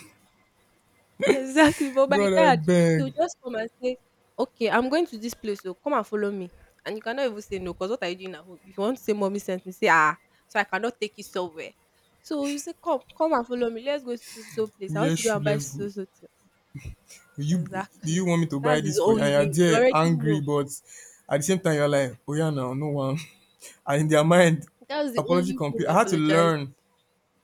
S1: Exactly, but
S2: *laughs*
S1: my
S2: God I
S1: dad,
S2: beg.
S1: he'll just come and say, "Okay, I'm going to this place, so come and follow me." And you cannot even say no, because what are you doing at home? If you want to say mommy sent me, say ah, so I cannot take you somewhere. So you say, "Come, come and follow me. Let's go to so so so place. I want
S2: Wear
S1: to go
S2: shoe,
S1: and buy
S2: let's go.
S1: so so thing."
S2: Will you, do you
S1: Exactly.
S2: want me to buy
S1: That's his
S2: this for you? And
S1: own way.
S2: you're
S1: You
S2: there
S1: already
S2: angry
S1: know.
S2: but at the same time you're like, oh yeah, now no one. *laughs* And in their mind,
S1: That's the
S2: apology
S1: only way he
S2: complete. I had to
S1: apologized.
S2: learn,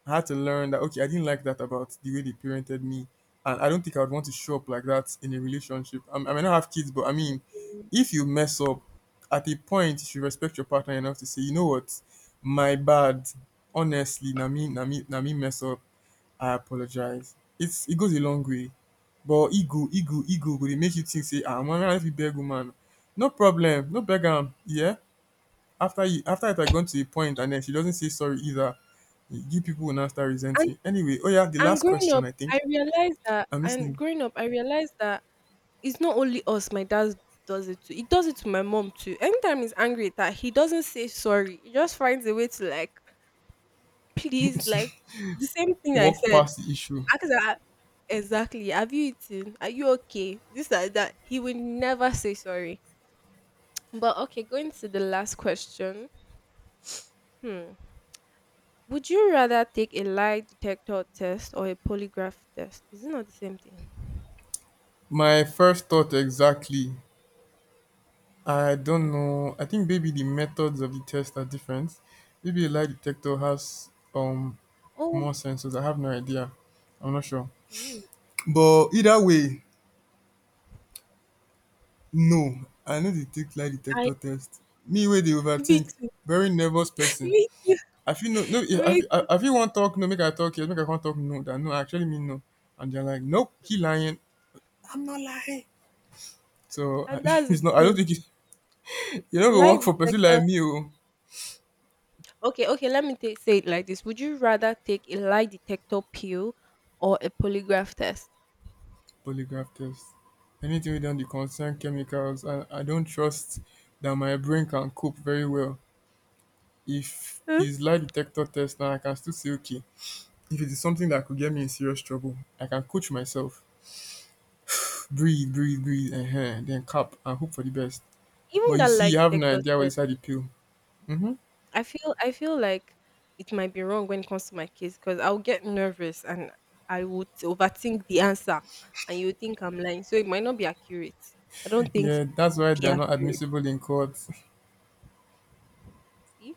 S2: I had to learn that okay, I didn't like that about the way they parented me, and I don't think I would want to show up like that in a relationship. I may not have kids, but I mean, if you mess up, at a point you should respect your partner enough to say, you know what, my bad. Honestly, na me mess up. I apologize. It's it goes a long way, but ego, go dey make you think say, ah, man, I fit beg woman. No problem, no beg am. Yeah, after it had gone to a point and then she doesn't say sorry either, you people will now start
S1: And
S2: resenting. Anyway, oh yeah, the
S1: and
S2: last
S1: growing
S2: question
S1: up,
S2: I think.
S1: I realized that
S2: I'm
S1: and
S2: listening.
S1: growing up, I realized that it's not only us. My dad does it too. He does it to my mom too. Anytime he's angry at her, he doesn't say sorry, he just finds a way to like, please, like
S2: *laughs*
S1: the same thing I
S2: Walk
S1: said,
S2: past the issue.
S1: ask her, exactly, have you eaten, are you okay, this, that, that, he will never say sorry. But okay, going to the last question. *sniffs* Hmm. Would you rather take a lie detector test or a polygraph test? Is it not the same thing?
S2: My first thought exactly. I
S1: Mm-mm.
S2: don't know. I think maybe the methods of the test are different. Maybe a lie detector has
S1: Oh.
S2: more sensors. I have no idea. I'm not sure.
S1: Mm,
S2: But either way, no. I know they take lie
S1: I.
S2: detector test. Me way they
S1: *laughs* Me
S2: overthink.
S1: too.
S2: Very nervous person.
S1: Me too.
S2: I feel no.
S1: Me.
S2: I feel want talk no, make I talk yes, make I can't talk no. That no, I actually mean no. And they're like, nope, he lying. So I,
S1: And
S2: *laughs*
S1: that's
S2: it's
S1: the
S2: not. I don't
S1: thing.
S2: think it, *laughs* you don't go
S1: Lie
S2: work for person
S1: detector.
S2: like me. Oh,
S1: Okay, okay, let me take, say it like this. Would you rather take a lie detector pill or a polygraph test?
S2: polygraph test. Anything with done the concern chemicals. I don't trust that my brain can cope very well. If
S1: Huh?
S2: it's lie detector test, now I can still say okay. If it is something that could get me in serious trouble, I can coach myself. Breathe, breathe, and then cap and hope for the best. But
S1: Even
S2: you
S1: that
S2: see,
S1: lie
S2: you have no
S1: detector
S2: idea what
S1: test,
S2: inside the pill. Hmm.
S1: I feel like it might be wrong when it comes to my case because I'll get nervous and I would overthink the answer and you would think I'm lying. So it might not be accurate. I don't think
S2: Yeah,
S1: it
S2: that's
S1: would
S2: why
S1: be
S2: they're not
S1: accurate.
S2: admissible in court.
S1: See?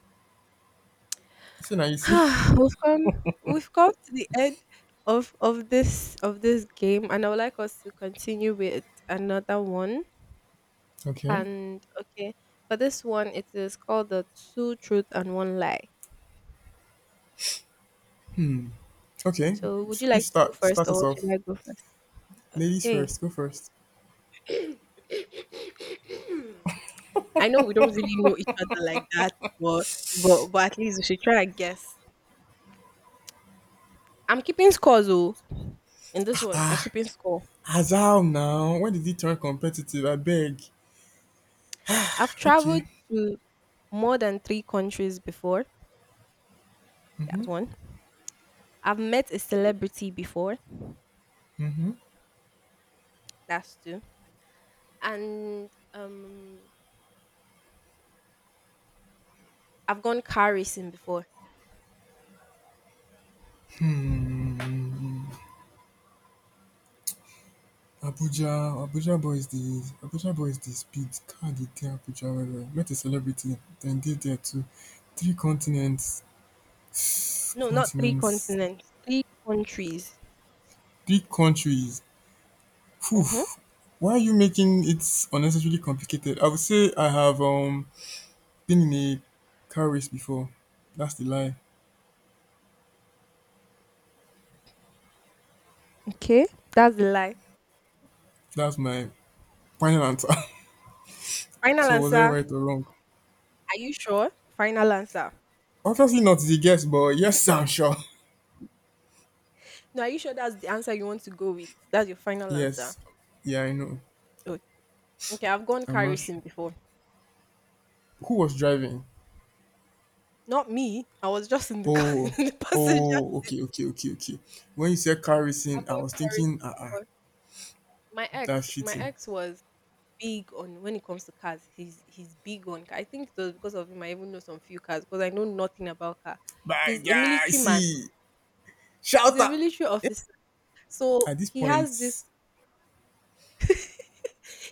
S2: *laughs* See now you see. *laughs*
S1: *sighs* we've come we've come to the end of this game, and I would like us to continue with another one.
S2: Okay.
S1: And okay, for this one it is called the two truth and one lie.
S2: Okay.
S1: So would you
S2: You
S1: like to go
S2: start
S1: first
S2: start us
S1: or should
S2: off.
S1: I go first?
S2: Ladies
S1: Okay.
S2: first, go first.
S1: *clears throat* *coughs* I know we don't really know each other like that, but but at least we should try and guess. I'm keeping scores in this one. I'm
S2: Ah,
S1: keeping score.
S2: Azal now. When did he turn competitive? I beg.
S1: I've traveled
S2: Okay.
S1: to more than three countries before. That's one. I've met a celebrity before.
S2: Mm-hmm.
S1: That's two. And I've gone car racing before.
S2: Hmm. Abuja boy is the Abuja boy is the speed. Can't they tell Abuja well well. Met a celebrity, then did there too. Three continents, *sighs* *sniffs*
S1: No, not three
S2: continents,
S1: continents, three countries.
S2: three countries. Phew,
S1: Mm-hmm.
S2: why are you making it unnecessarily complicated? I would say I have been in a car race before. That's the lie.
S1: Okay, that's the lie.
S2: That's my final answer. *laughs*
S1: Final
S2: So was
S1: answer.
S2: I
S1: Are
S2: right or wrong?
S1: you sure? Final answer.
S2: Obviously not the guess, but yes, I'm sure. *laughs*
S1: No, are you sure that's the answer you want to go with? That's your final answer.
S2: Yes. Yeah, I know.
S1: Okay, okay, I've gone
S2: I'm
S1: car
S2: not sure.
S1: racing before.
S2: Who was driving?
S1: Not me. I was just in the car, *laughs*
S2: Oh,
S1: in the passenger
S2: oh,
S1: seat.
S2: okay. When you said car
S1: I've
S2: racing, I
S1: gone
S2: was
S1: car racing
S2: thinking, ah, uh-uh,
S1: before. My ex,
S2: that's
S1: my
S2: cheating.
S1: ex was big on when it comes to cars. He's big on car. I think it was because of him I even know some few cars because I know nothing about car. He's
S2: But
S1: a
S2: yeah, I
S1: military man.
S2: see.
S1: He's
S2: Shout
S1: a
S2: out.
S1: military officer. So
S2: At this
S1: he
S2: point,
S1: has this *laughs*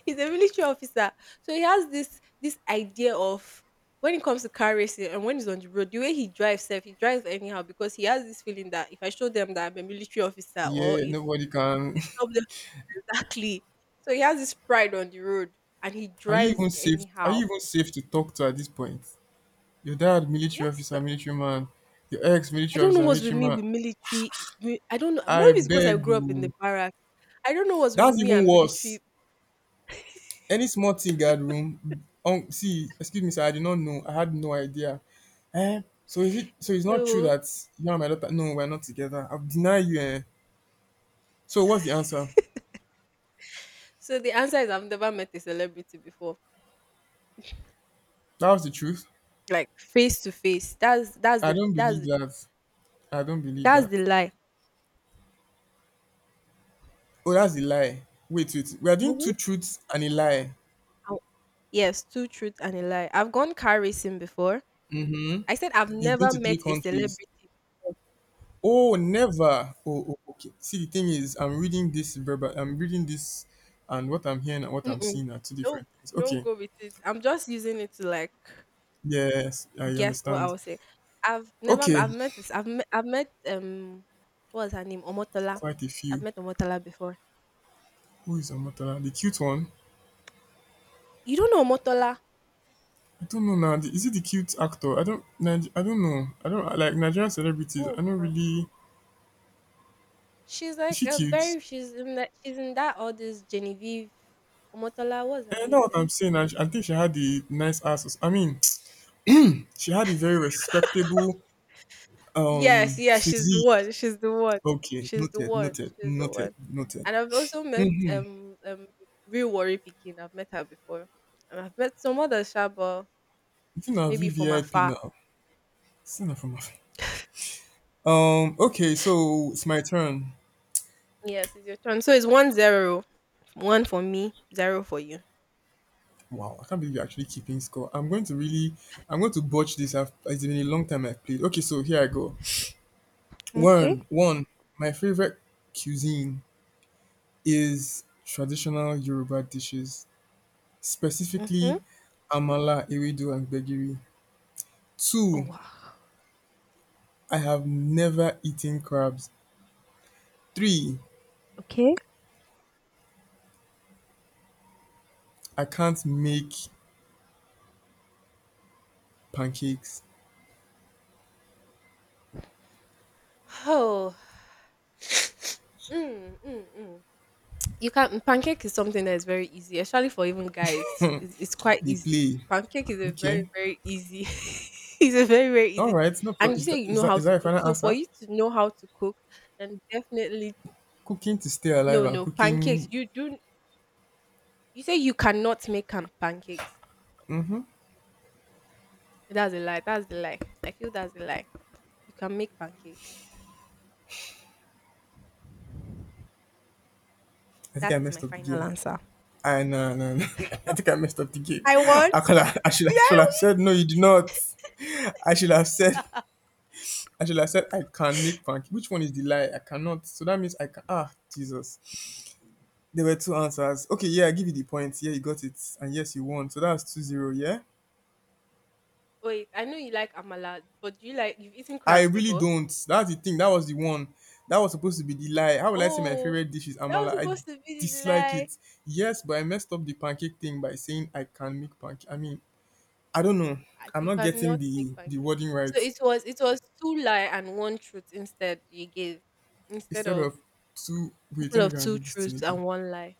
S1: he's a military officer. So he has this idea of when it comes to car racing, and when he's on the road, the way he drives self, he drives anyhow because he has this feeling that if I show them that I'm a military officer or
S2: yeah,
S1: if
S2: nobody can. *laughs*
S1: somebody *laughs* exactly, so he has this pride on the road and he
S2: Are you
S1: drives
S2: even safe? Are
S1: anyhow.
S2: you even safe to talk to at this point? Your dad, military
S1: Yes,
S2: officer, military man. Your ex,
S1: I
S2: military
S1: don't know
S2: officer,
S1: what's with
S2: military
S1: me
S2: man.
S1: with military. Wi I don't know.
S2: I
S1: Maybe it's because I
S2: beg.
S1: grew up in the
S2: You.
S1: barracks. I don't know what's with
S2: That's
S1: me
S2: even
S1: and
S2: worse.
S1: military.
S2: Any small thing guard room. See, excuse me, sir. I did not know. I had no idea. Eh? So is it? So it's not true
S1: No.
S2: that you and my daughter? No, we're not together. I've denied you. Eh? So what's the answer?
S1: So the answer is I've never met a celebrity before,
S2: That was the truth.
S1: like face to face. That's that's
S2: I
S1: the
S2: don't
S1: that's
S2: believe
S1: the-
S2: that. I don't believe
S1: that's
S2: that.
S1: the lie.
S2: Oh, that's a lie. Wait, wait. We are doing
S1: Mhm.
S2: two truths and a lie.
S1: I- Yes, two truth and a lie. I've gone car racing before.
S2: Hmm.
S1: I said I've
S2: You've been
S1: never
S2: to 3
S1: met a
S2: countries.
S1: celebrity.
S2: Oh, never. Oh, oh, okay. See, the thing is, I'm reading this, and what I'm hearing and what I'm
S1: Mm-mm.
S2: seeing are two
S1: Don't
S2: different things.
S1: don't
S2: Okay.
S1: go with it. I'm just using it to like
S2: Yes, I
S1: guess what I
S2: understand.
S1: will say? I've never
S2: Okay.
S1: I've met this I've met what was her name? Omotola.
S2: Quite a
S1: I've
S2: few.
S1: met Omotola before.
S2: Who is Omotala? The cute one?
S1: You don't know Omotola?
S2: I don't know now. Is it the cute actor? I don't. I don't know. I don't like Nigerian celebrities. I
S1: Oh,
S2: don't really.
S1: she's
S2: Is
S1: like
S2: she
S1: a
S2: cute?
S1: very she's in that all this Genevieve Omotola. What's her
S2: And
S1: name,
S2: know what
S1: Seth?
S2: I'm saying. I think she had the nice asses. I mean, *tsk* she had a very respectable
S1: Yes, yes, she's the
S2: physique.
S1: one. She's the one.
S2: Okay,
S1: She's the
S2: noted,
S1: one.
S2: noted,
S1: She's the
S2: noted,
S1: one.
S2: noted.
S1: And I've also met
S2: Mhm.
S1: real worry picking. I've met her before. And I've met some other Shaba,
S2: I think I'm
S1: maybe from
S2: VVIP
S1: afar.
S2: now. Still not from my phone. Okay, so it's my turn.
S1: Yes, it's your turn. So it's 1-0. One for me, zero for you.
S2: Wow, I can't believe you're actually keeping score. I'm going to botch this. It's been a long time I've played. Okay, so here I go.
S1: Okay.
S2: One, one. My favorite cuisine is traditional Yoruba dishes,
S1: Mm-hmm.
S2: specifically amala, ewedu, and gbegiri.
S1: Oh
S2: Two,
S1: wow.
S2: I have never eaten crabs. Three,
S1: Okay.
S2: I can't make pancakes,
S1: Oh. *sighs* Mm, mm, mm. You can pancake is something that is very easy, especially for even guys. It's quite
S2: they
S1: easy.
S2: play.
S1: Pancake is a very
S2: Okay.
S1: very easy. *laughs* it's a very very
S2: All
S1: easy,
S2: right. No
S1: and
S2: problem.
S1: you
S2: Is that,
S1: say you
S2: is
S1: know
S2: that
S1: how
S2: is that
S1: to
S2: your
S1: cook.
S2: final
S1: So for
S2: answer?
S1: you to know how to cook, then definitely
S2: Cooking to stay alive
S1: no
S2: and
S1: no pancakes.
S2: cooking.
S1: You do. You say you cannot make pancakes. That's a lie. That's the lie. I feel that's a lie. You can make pancakes.
S2: I think I
S1: That is my
S2: messed up the
S1: final
S2: game.
S1: answer.
S2: I no no no. *laughs* I think I messed up the game.
S1: I won.
S2: I should
S1: Did
S2: I should
S1: I
S2: have said no. You did not. I should have said. I should have said I can make pancakes. Which one is the lie? I cannot. So that means I can. Ah, Jesus. There were two answers. Okay, yeah, I give you the points. Yeah, you got it. And yes, you won. So that's 2-0. Yeah?
S1: win? Wait, I know you like amala, but do you like you've eaten
S2: I
S1: crabs
S2: really
S1: before?
S2: don't. That's the thing. That was the one. That was supposed to be the lie. How will I say my
S1: Oh,
S2: favorite dish is
S1: that was
S2: amala? I
S1: supposed to be the
S2: dislike
S1: lie.
S2: it. Yes, but I messed up the pancake thing by saying I can make pancake. I mean, I don't know.
S1: Like,
S2: I'm
S1: you
S2: not getting
S1: cannot make
S2: the
S1: pancakes.
S2: wording right.
S1: So it was two lie and one truth, instead you gave instead
S2: Instead
S1: of
S2: of two, wait,
S1: instead
S2: let me
S1: of
S2: go and
S1: two
S2: read this thing
S1: truths
S2: again.
S1: and one lie.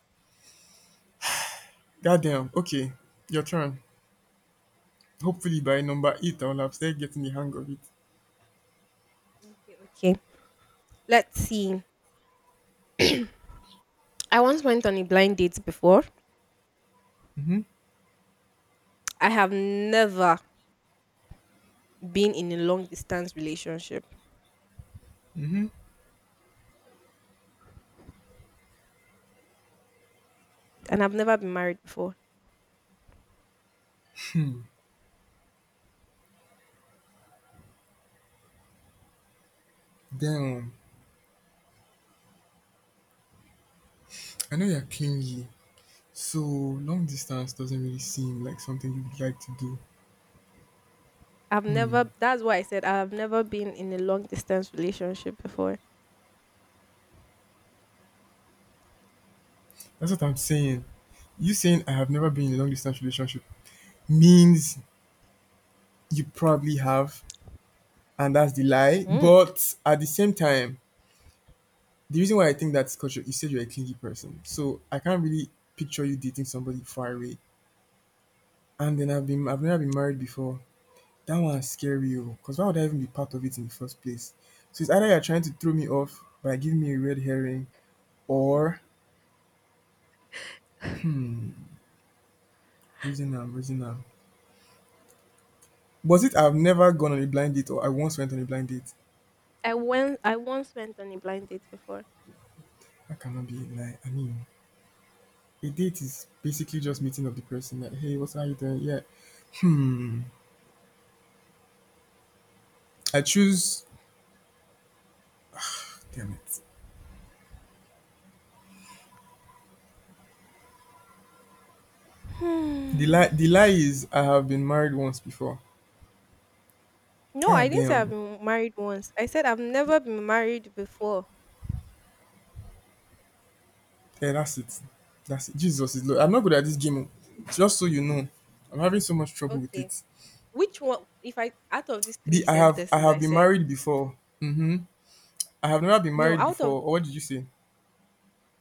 S2: Goddamn. Okay, your turn. Hopefully by number eight, I
S1: Mm,
S2: will have started getting the hang of it.
S1: okay, okay. Let's see. *clears throat* I once went on a blind date before.
S2: Mm-hmm.
S1: I have never been in a long distance relationship
S2: Mm-hmm.
S1: and I've never been married before.
S2: Damn. I know you're clingy, so long distance doesn't really seem like something you'd like to do.
S1: I've
S2: Hmm.
S1: never that's why I said I've never been in a long distance relationship before.
S2: That's what I'm saying. You saying I have never been in a long distance relationship means you probably have, and that's the lie.
S1: Mm.
S2: But at the same time, the reason why I think that's culture, you said you're a clingy person. So I can't really picture you dating somebody far away. And then I've never been married before. That one's scary, because why would I even be part of it in the first place? So it's either you're trying to throw me off by giving me a red herring or reason I'm reason I'm. Was it I've never gone on a blind date or I once went on a blind date?
S1: I once went on a blind date before.
S2: I cannot be like I mean, a date is basically just meeting up the person. Like, hey, what are you doing? Yeah. Hmm. I choose. Damn it.
S1: Hmm.
S2: The lie is I have been married once before.
S1: No,
S2: Ah,
S1: I didn't say I've
S2: damn.
S1: been married once. I said I've never been married before.
S2: Yeah, that's it. That's it. Jesus is. Lord. I'm not good at this game. Oh. Just so you know, I'm having so much trouble with
S1: Okay.
S2: it.
S1: Which one if I out of these three
S2: The I
S1: sentences
S2: have
S1: I
S2: been
S1: said
S2: married before. Mm-hmm. I have never been
S1: no,
S2: married
S1: out of
S2: before. Or what did you say?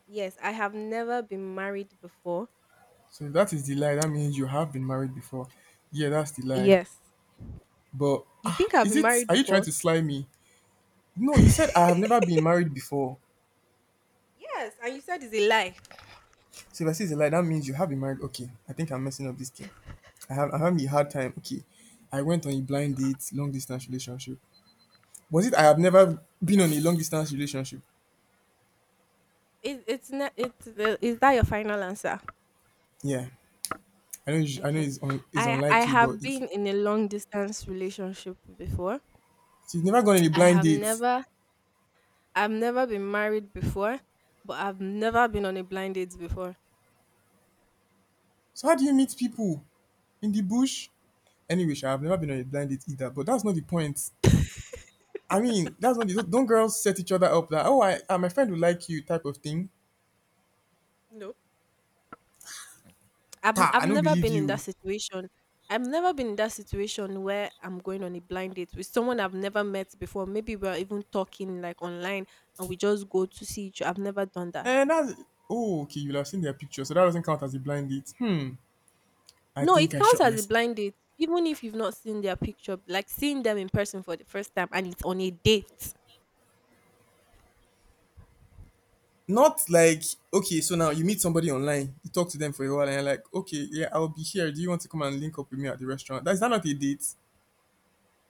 S1: yes, I have never been married before.
S2: So if that is the lie. That means you have been married before. Yeah, that's the lie.
S1: Yes.
S2: But
S1: You
S2: ah,
S1: think I've
S2: is
S1: been
S2: it?
S1: married
S2: Are you trying
S1: before?
S2: to slime me? No, you said I have never been married before.
S1: Yes, and you said it's a lie.
S2: So if I say it's a lie, that means you have been married. Okay, I think I'm messing up this game. I having a hard time. Okay, I went on a blind date, long distance relationship. Was it I have never been on a long distance relationship?
S1: It, it's not it's the, is that your final answer?
S2: Yeah, I know. I know
S1: Okay.
S2: it's
S1: I
S2: unlikely,
S1: have
S2: but it
S1: been
S2: should.
S1: in a long distance relationship before.
S2: So you've never gone on a
S1: I
S2: blind
S1: have
S2: date.
S1: never I've never been married before, but I've never been on a blind date before.
S2: So how do you meet people in the bush? Anyway, sha, I've never been on a blind date either. But that's not the point. I mean, that's not the don't girls set each other up that oh my friend will like you type of thing.
S1: No.
S2: Ta,
S1: I've
S2: I don't
S1: never
S2: believe
S1: been in that
S2: you.
S1: situation. I've never been in that situation where I'm going on a blind date with someone I've never met before. Maybe we're even talking like online and we just go to see each other. I've never done that.
S2: And that's Oh, okay. You'll have seen their picture, so that doesn't count as a blind date. Hmm. I
S1: No,
S2: think
S1: it
S2: I
S1: counts
S2: shot
S1: as a
S2: myself.
S1: blind date, even if you've not seen their picture, like seeing them in person for the first time and it's on a date.
S2: Not like okay, so now you meet somebody online, you talk to them for a while, and you're like, okay, yeah, I'll be here. Do you want to come and link up with me at the restaurant? That's that not a date.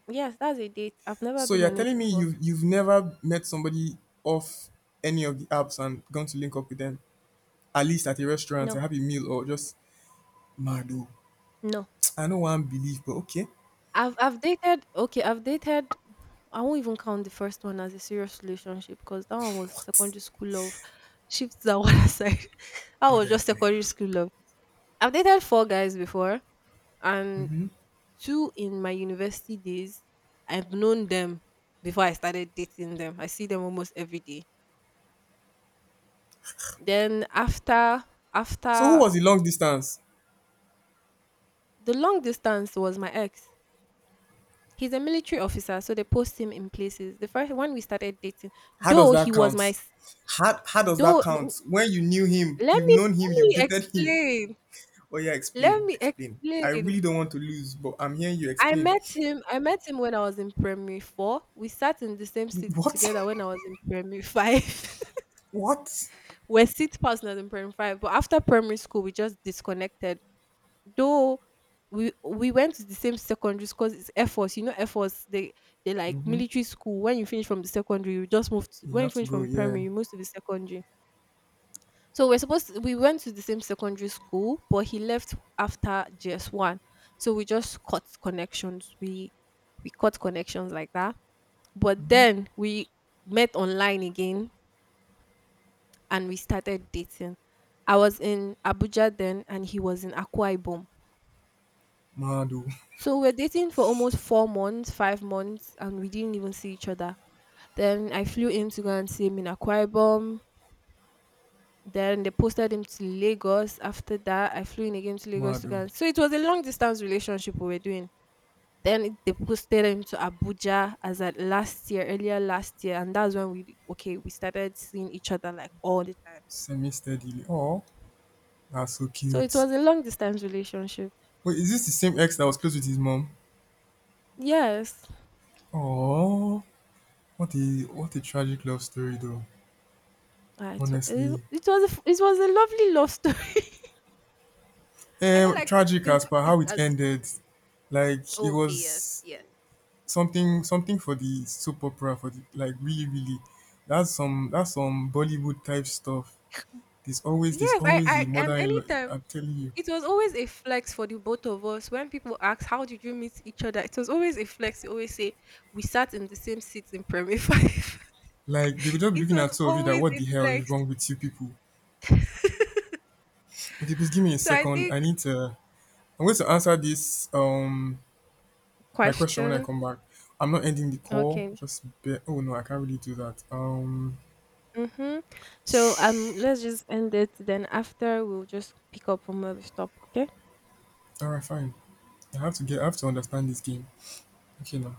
S1: Yes, that's a date. I've never
S2: So
S1: been
S2: you're
S1: on it
S2: telling me
S1: before.
S2: you've never met somebody off any of the apps and gone to link up with them, at least at a restaurant, a
S1: No,
S2: happy meal, or just mad. Oh.
S1: no.
S2: I know one believe, but okay.
S1: I've dated. Okay, I've dated. I won't even count the first one as a serious relationship because that one was secondary school love. Shift that one *laughs* aside. That
S2: God
S1: was
S2: I
S1: just
S2: beg.
S1: secondary school love. I've dated four guys before, and two in my university days. I've known them before I started dating them. I see them almost every day. Then after
S2: So who
S1: after
S2: was the long distance?
S1: the long distance was my ex. He's a military officer, so they post him in places. The first when we started dating,
S2: How does
S1: though he
S2: that
S1: was my
S2: count? How does
S1: though
S2: that
S1: n-
S2: count? When you knew him,
S1: let
S2: you've
S1: me
S2: known him,
S1: let
S2: you've
S1: me
S2: dated him.
S1: explain.
S2: Oh yeah,
S1: Let
S2: explain,
S1: me
S2: explain. I
S1: explain.
S2: really don't want to lose, but I'm hearing you
S1: I
S2: explain.
S1: met him. I met him when I was in primary four. We sat in the same seat
S2: What?
S1: together when I was in primary five. *laughs*
S2: *laughs* What?
S1: We're seat partners in primary five, but after primary school, we just disconnected. Though we went to the same secondary school, it's Air Force, you know Air Force, they like
S2: Mm-hmm.
S1: military school. When you finish from the secondary, you just move to
S2: You
S1: when you
S2: have to
S1: finish
S2: go,
S1: from
S2: yeah.
S1: primary, you move to the secondary. So we're supposed to, we went to the same secondary school, but he left after JS1. So we just cut connections. We cut connections like that. But
S2: Mm-hmm.
S1: then we met online again and we started dating. I was in Abuja then and he was in Akwa Ibom.
S2: Madu,
S1: So we're dating for almost 4 months, 5 months, and we didn't even see each other. Then I flew in to go and see him in Akwa Ibom. Then they posted him to Lagos. After that, I flew in again to Lagos to go.
S2: Madu,
S1: And... So it was a long distance relationship we were doing. Then it- they posted him to Abuja as at last year, earlier last year, and that's when we okay we started seeing each other like all the time.
S2: semi steadily. Oh, that's so
S1: So it
S2: cute.
S1: was a long distance relationship.
S2: Wait, is this the same ex that was close with his mom?
S1: Yes,
S2: Oh, what a what a tragic love story, though.
S1: uh, it,
S2: Honestly,
S1: it was a, it was a lovely love story. *laughs* I don't like to
S2: tragic
S1: think
S2: as
S1: of
S2: per
S1: it
S2: how it
S1: as
S2: ended. Like it
S1: okay, yes,
S2: was
S1: yes.
S2: something something for the soap opera for the like really really that's some bollywood type stuff. there's always there's
S1: Yes,
S2: always a
S1: and
S2: mother-in-law.
S1: anytime
S2: I'm telling you,
S1: it was always a flex for the both of us. When people ask, "How did you meet each other?" It was always a flex. We always say we sat in the same seats in primary *laughs* five.
S2: like they will just be
S1: It
S2: looking
S1: was
S2: at two of you that
S1: always
S2: what
S1: a
S2: the hell is
S1: flex.
S2: wrong with you people.
S1: *laughs*
S2: Okay, please give me a
S1: so I
S2: second.
S1: think
S2: I'm going to answer this my question when I
S1: question.
S2: come back. I'm not ending the call,
S1: Okay.
S2: oh no, I can't really do that.
S1: Mm-hmm. So
S2: *sniffs* *tsk*
S1: let's just end it. Then after we'll just pick up from where we stop. Okay.
S2: All right, fine. I have to understand this game. Okay, now.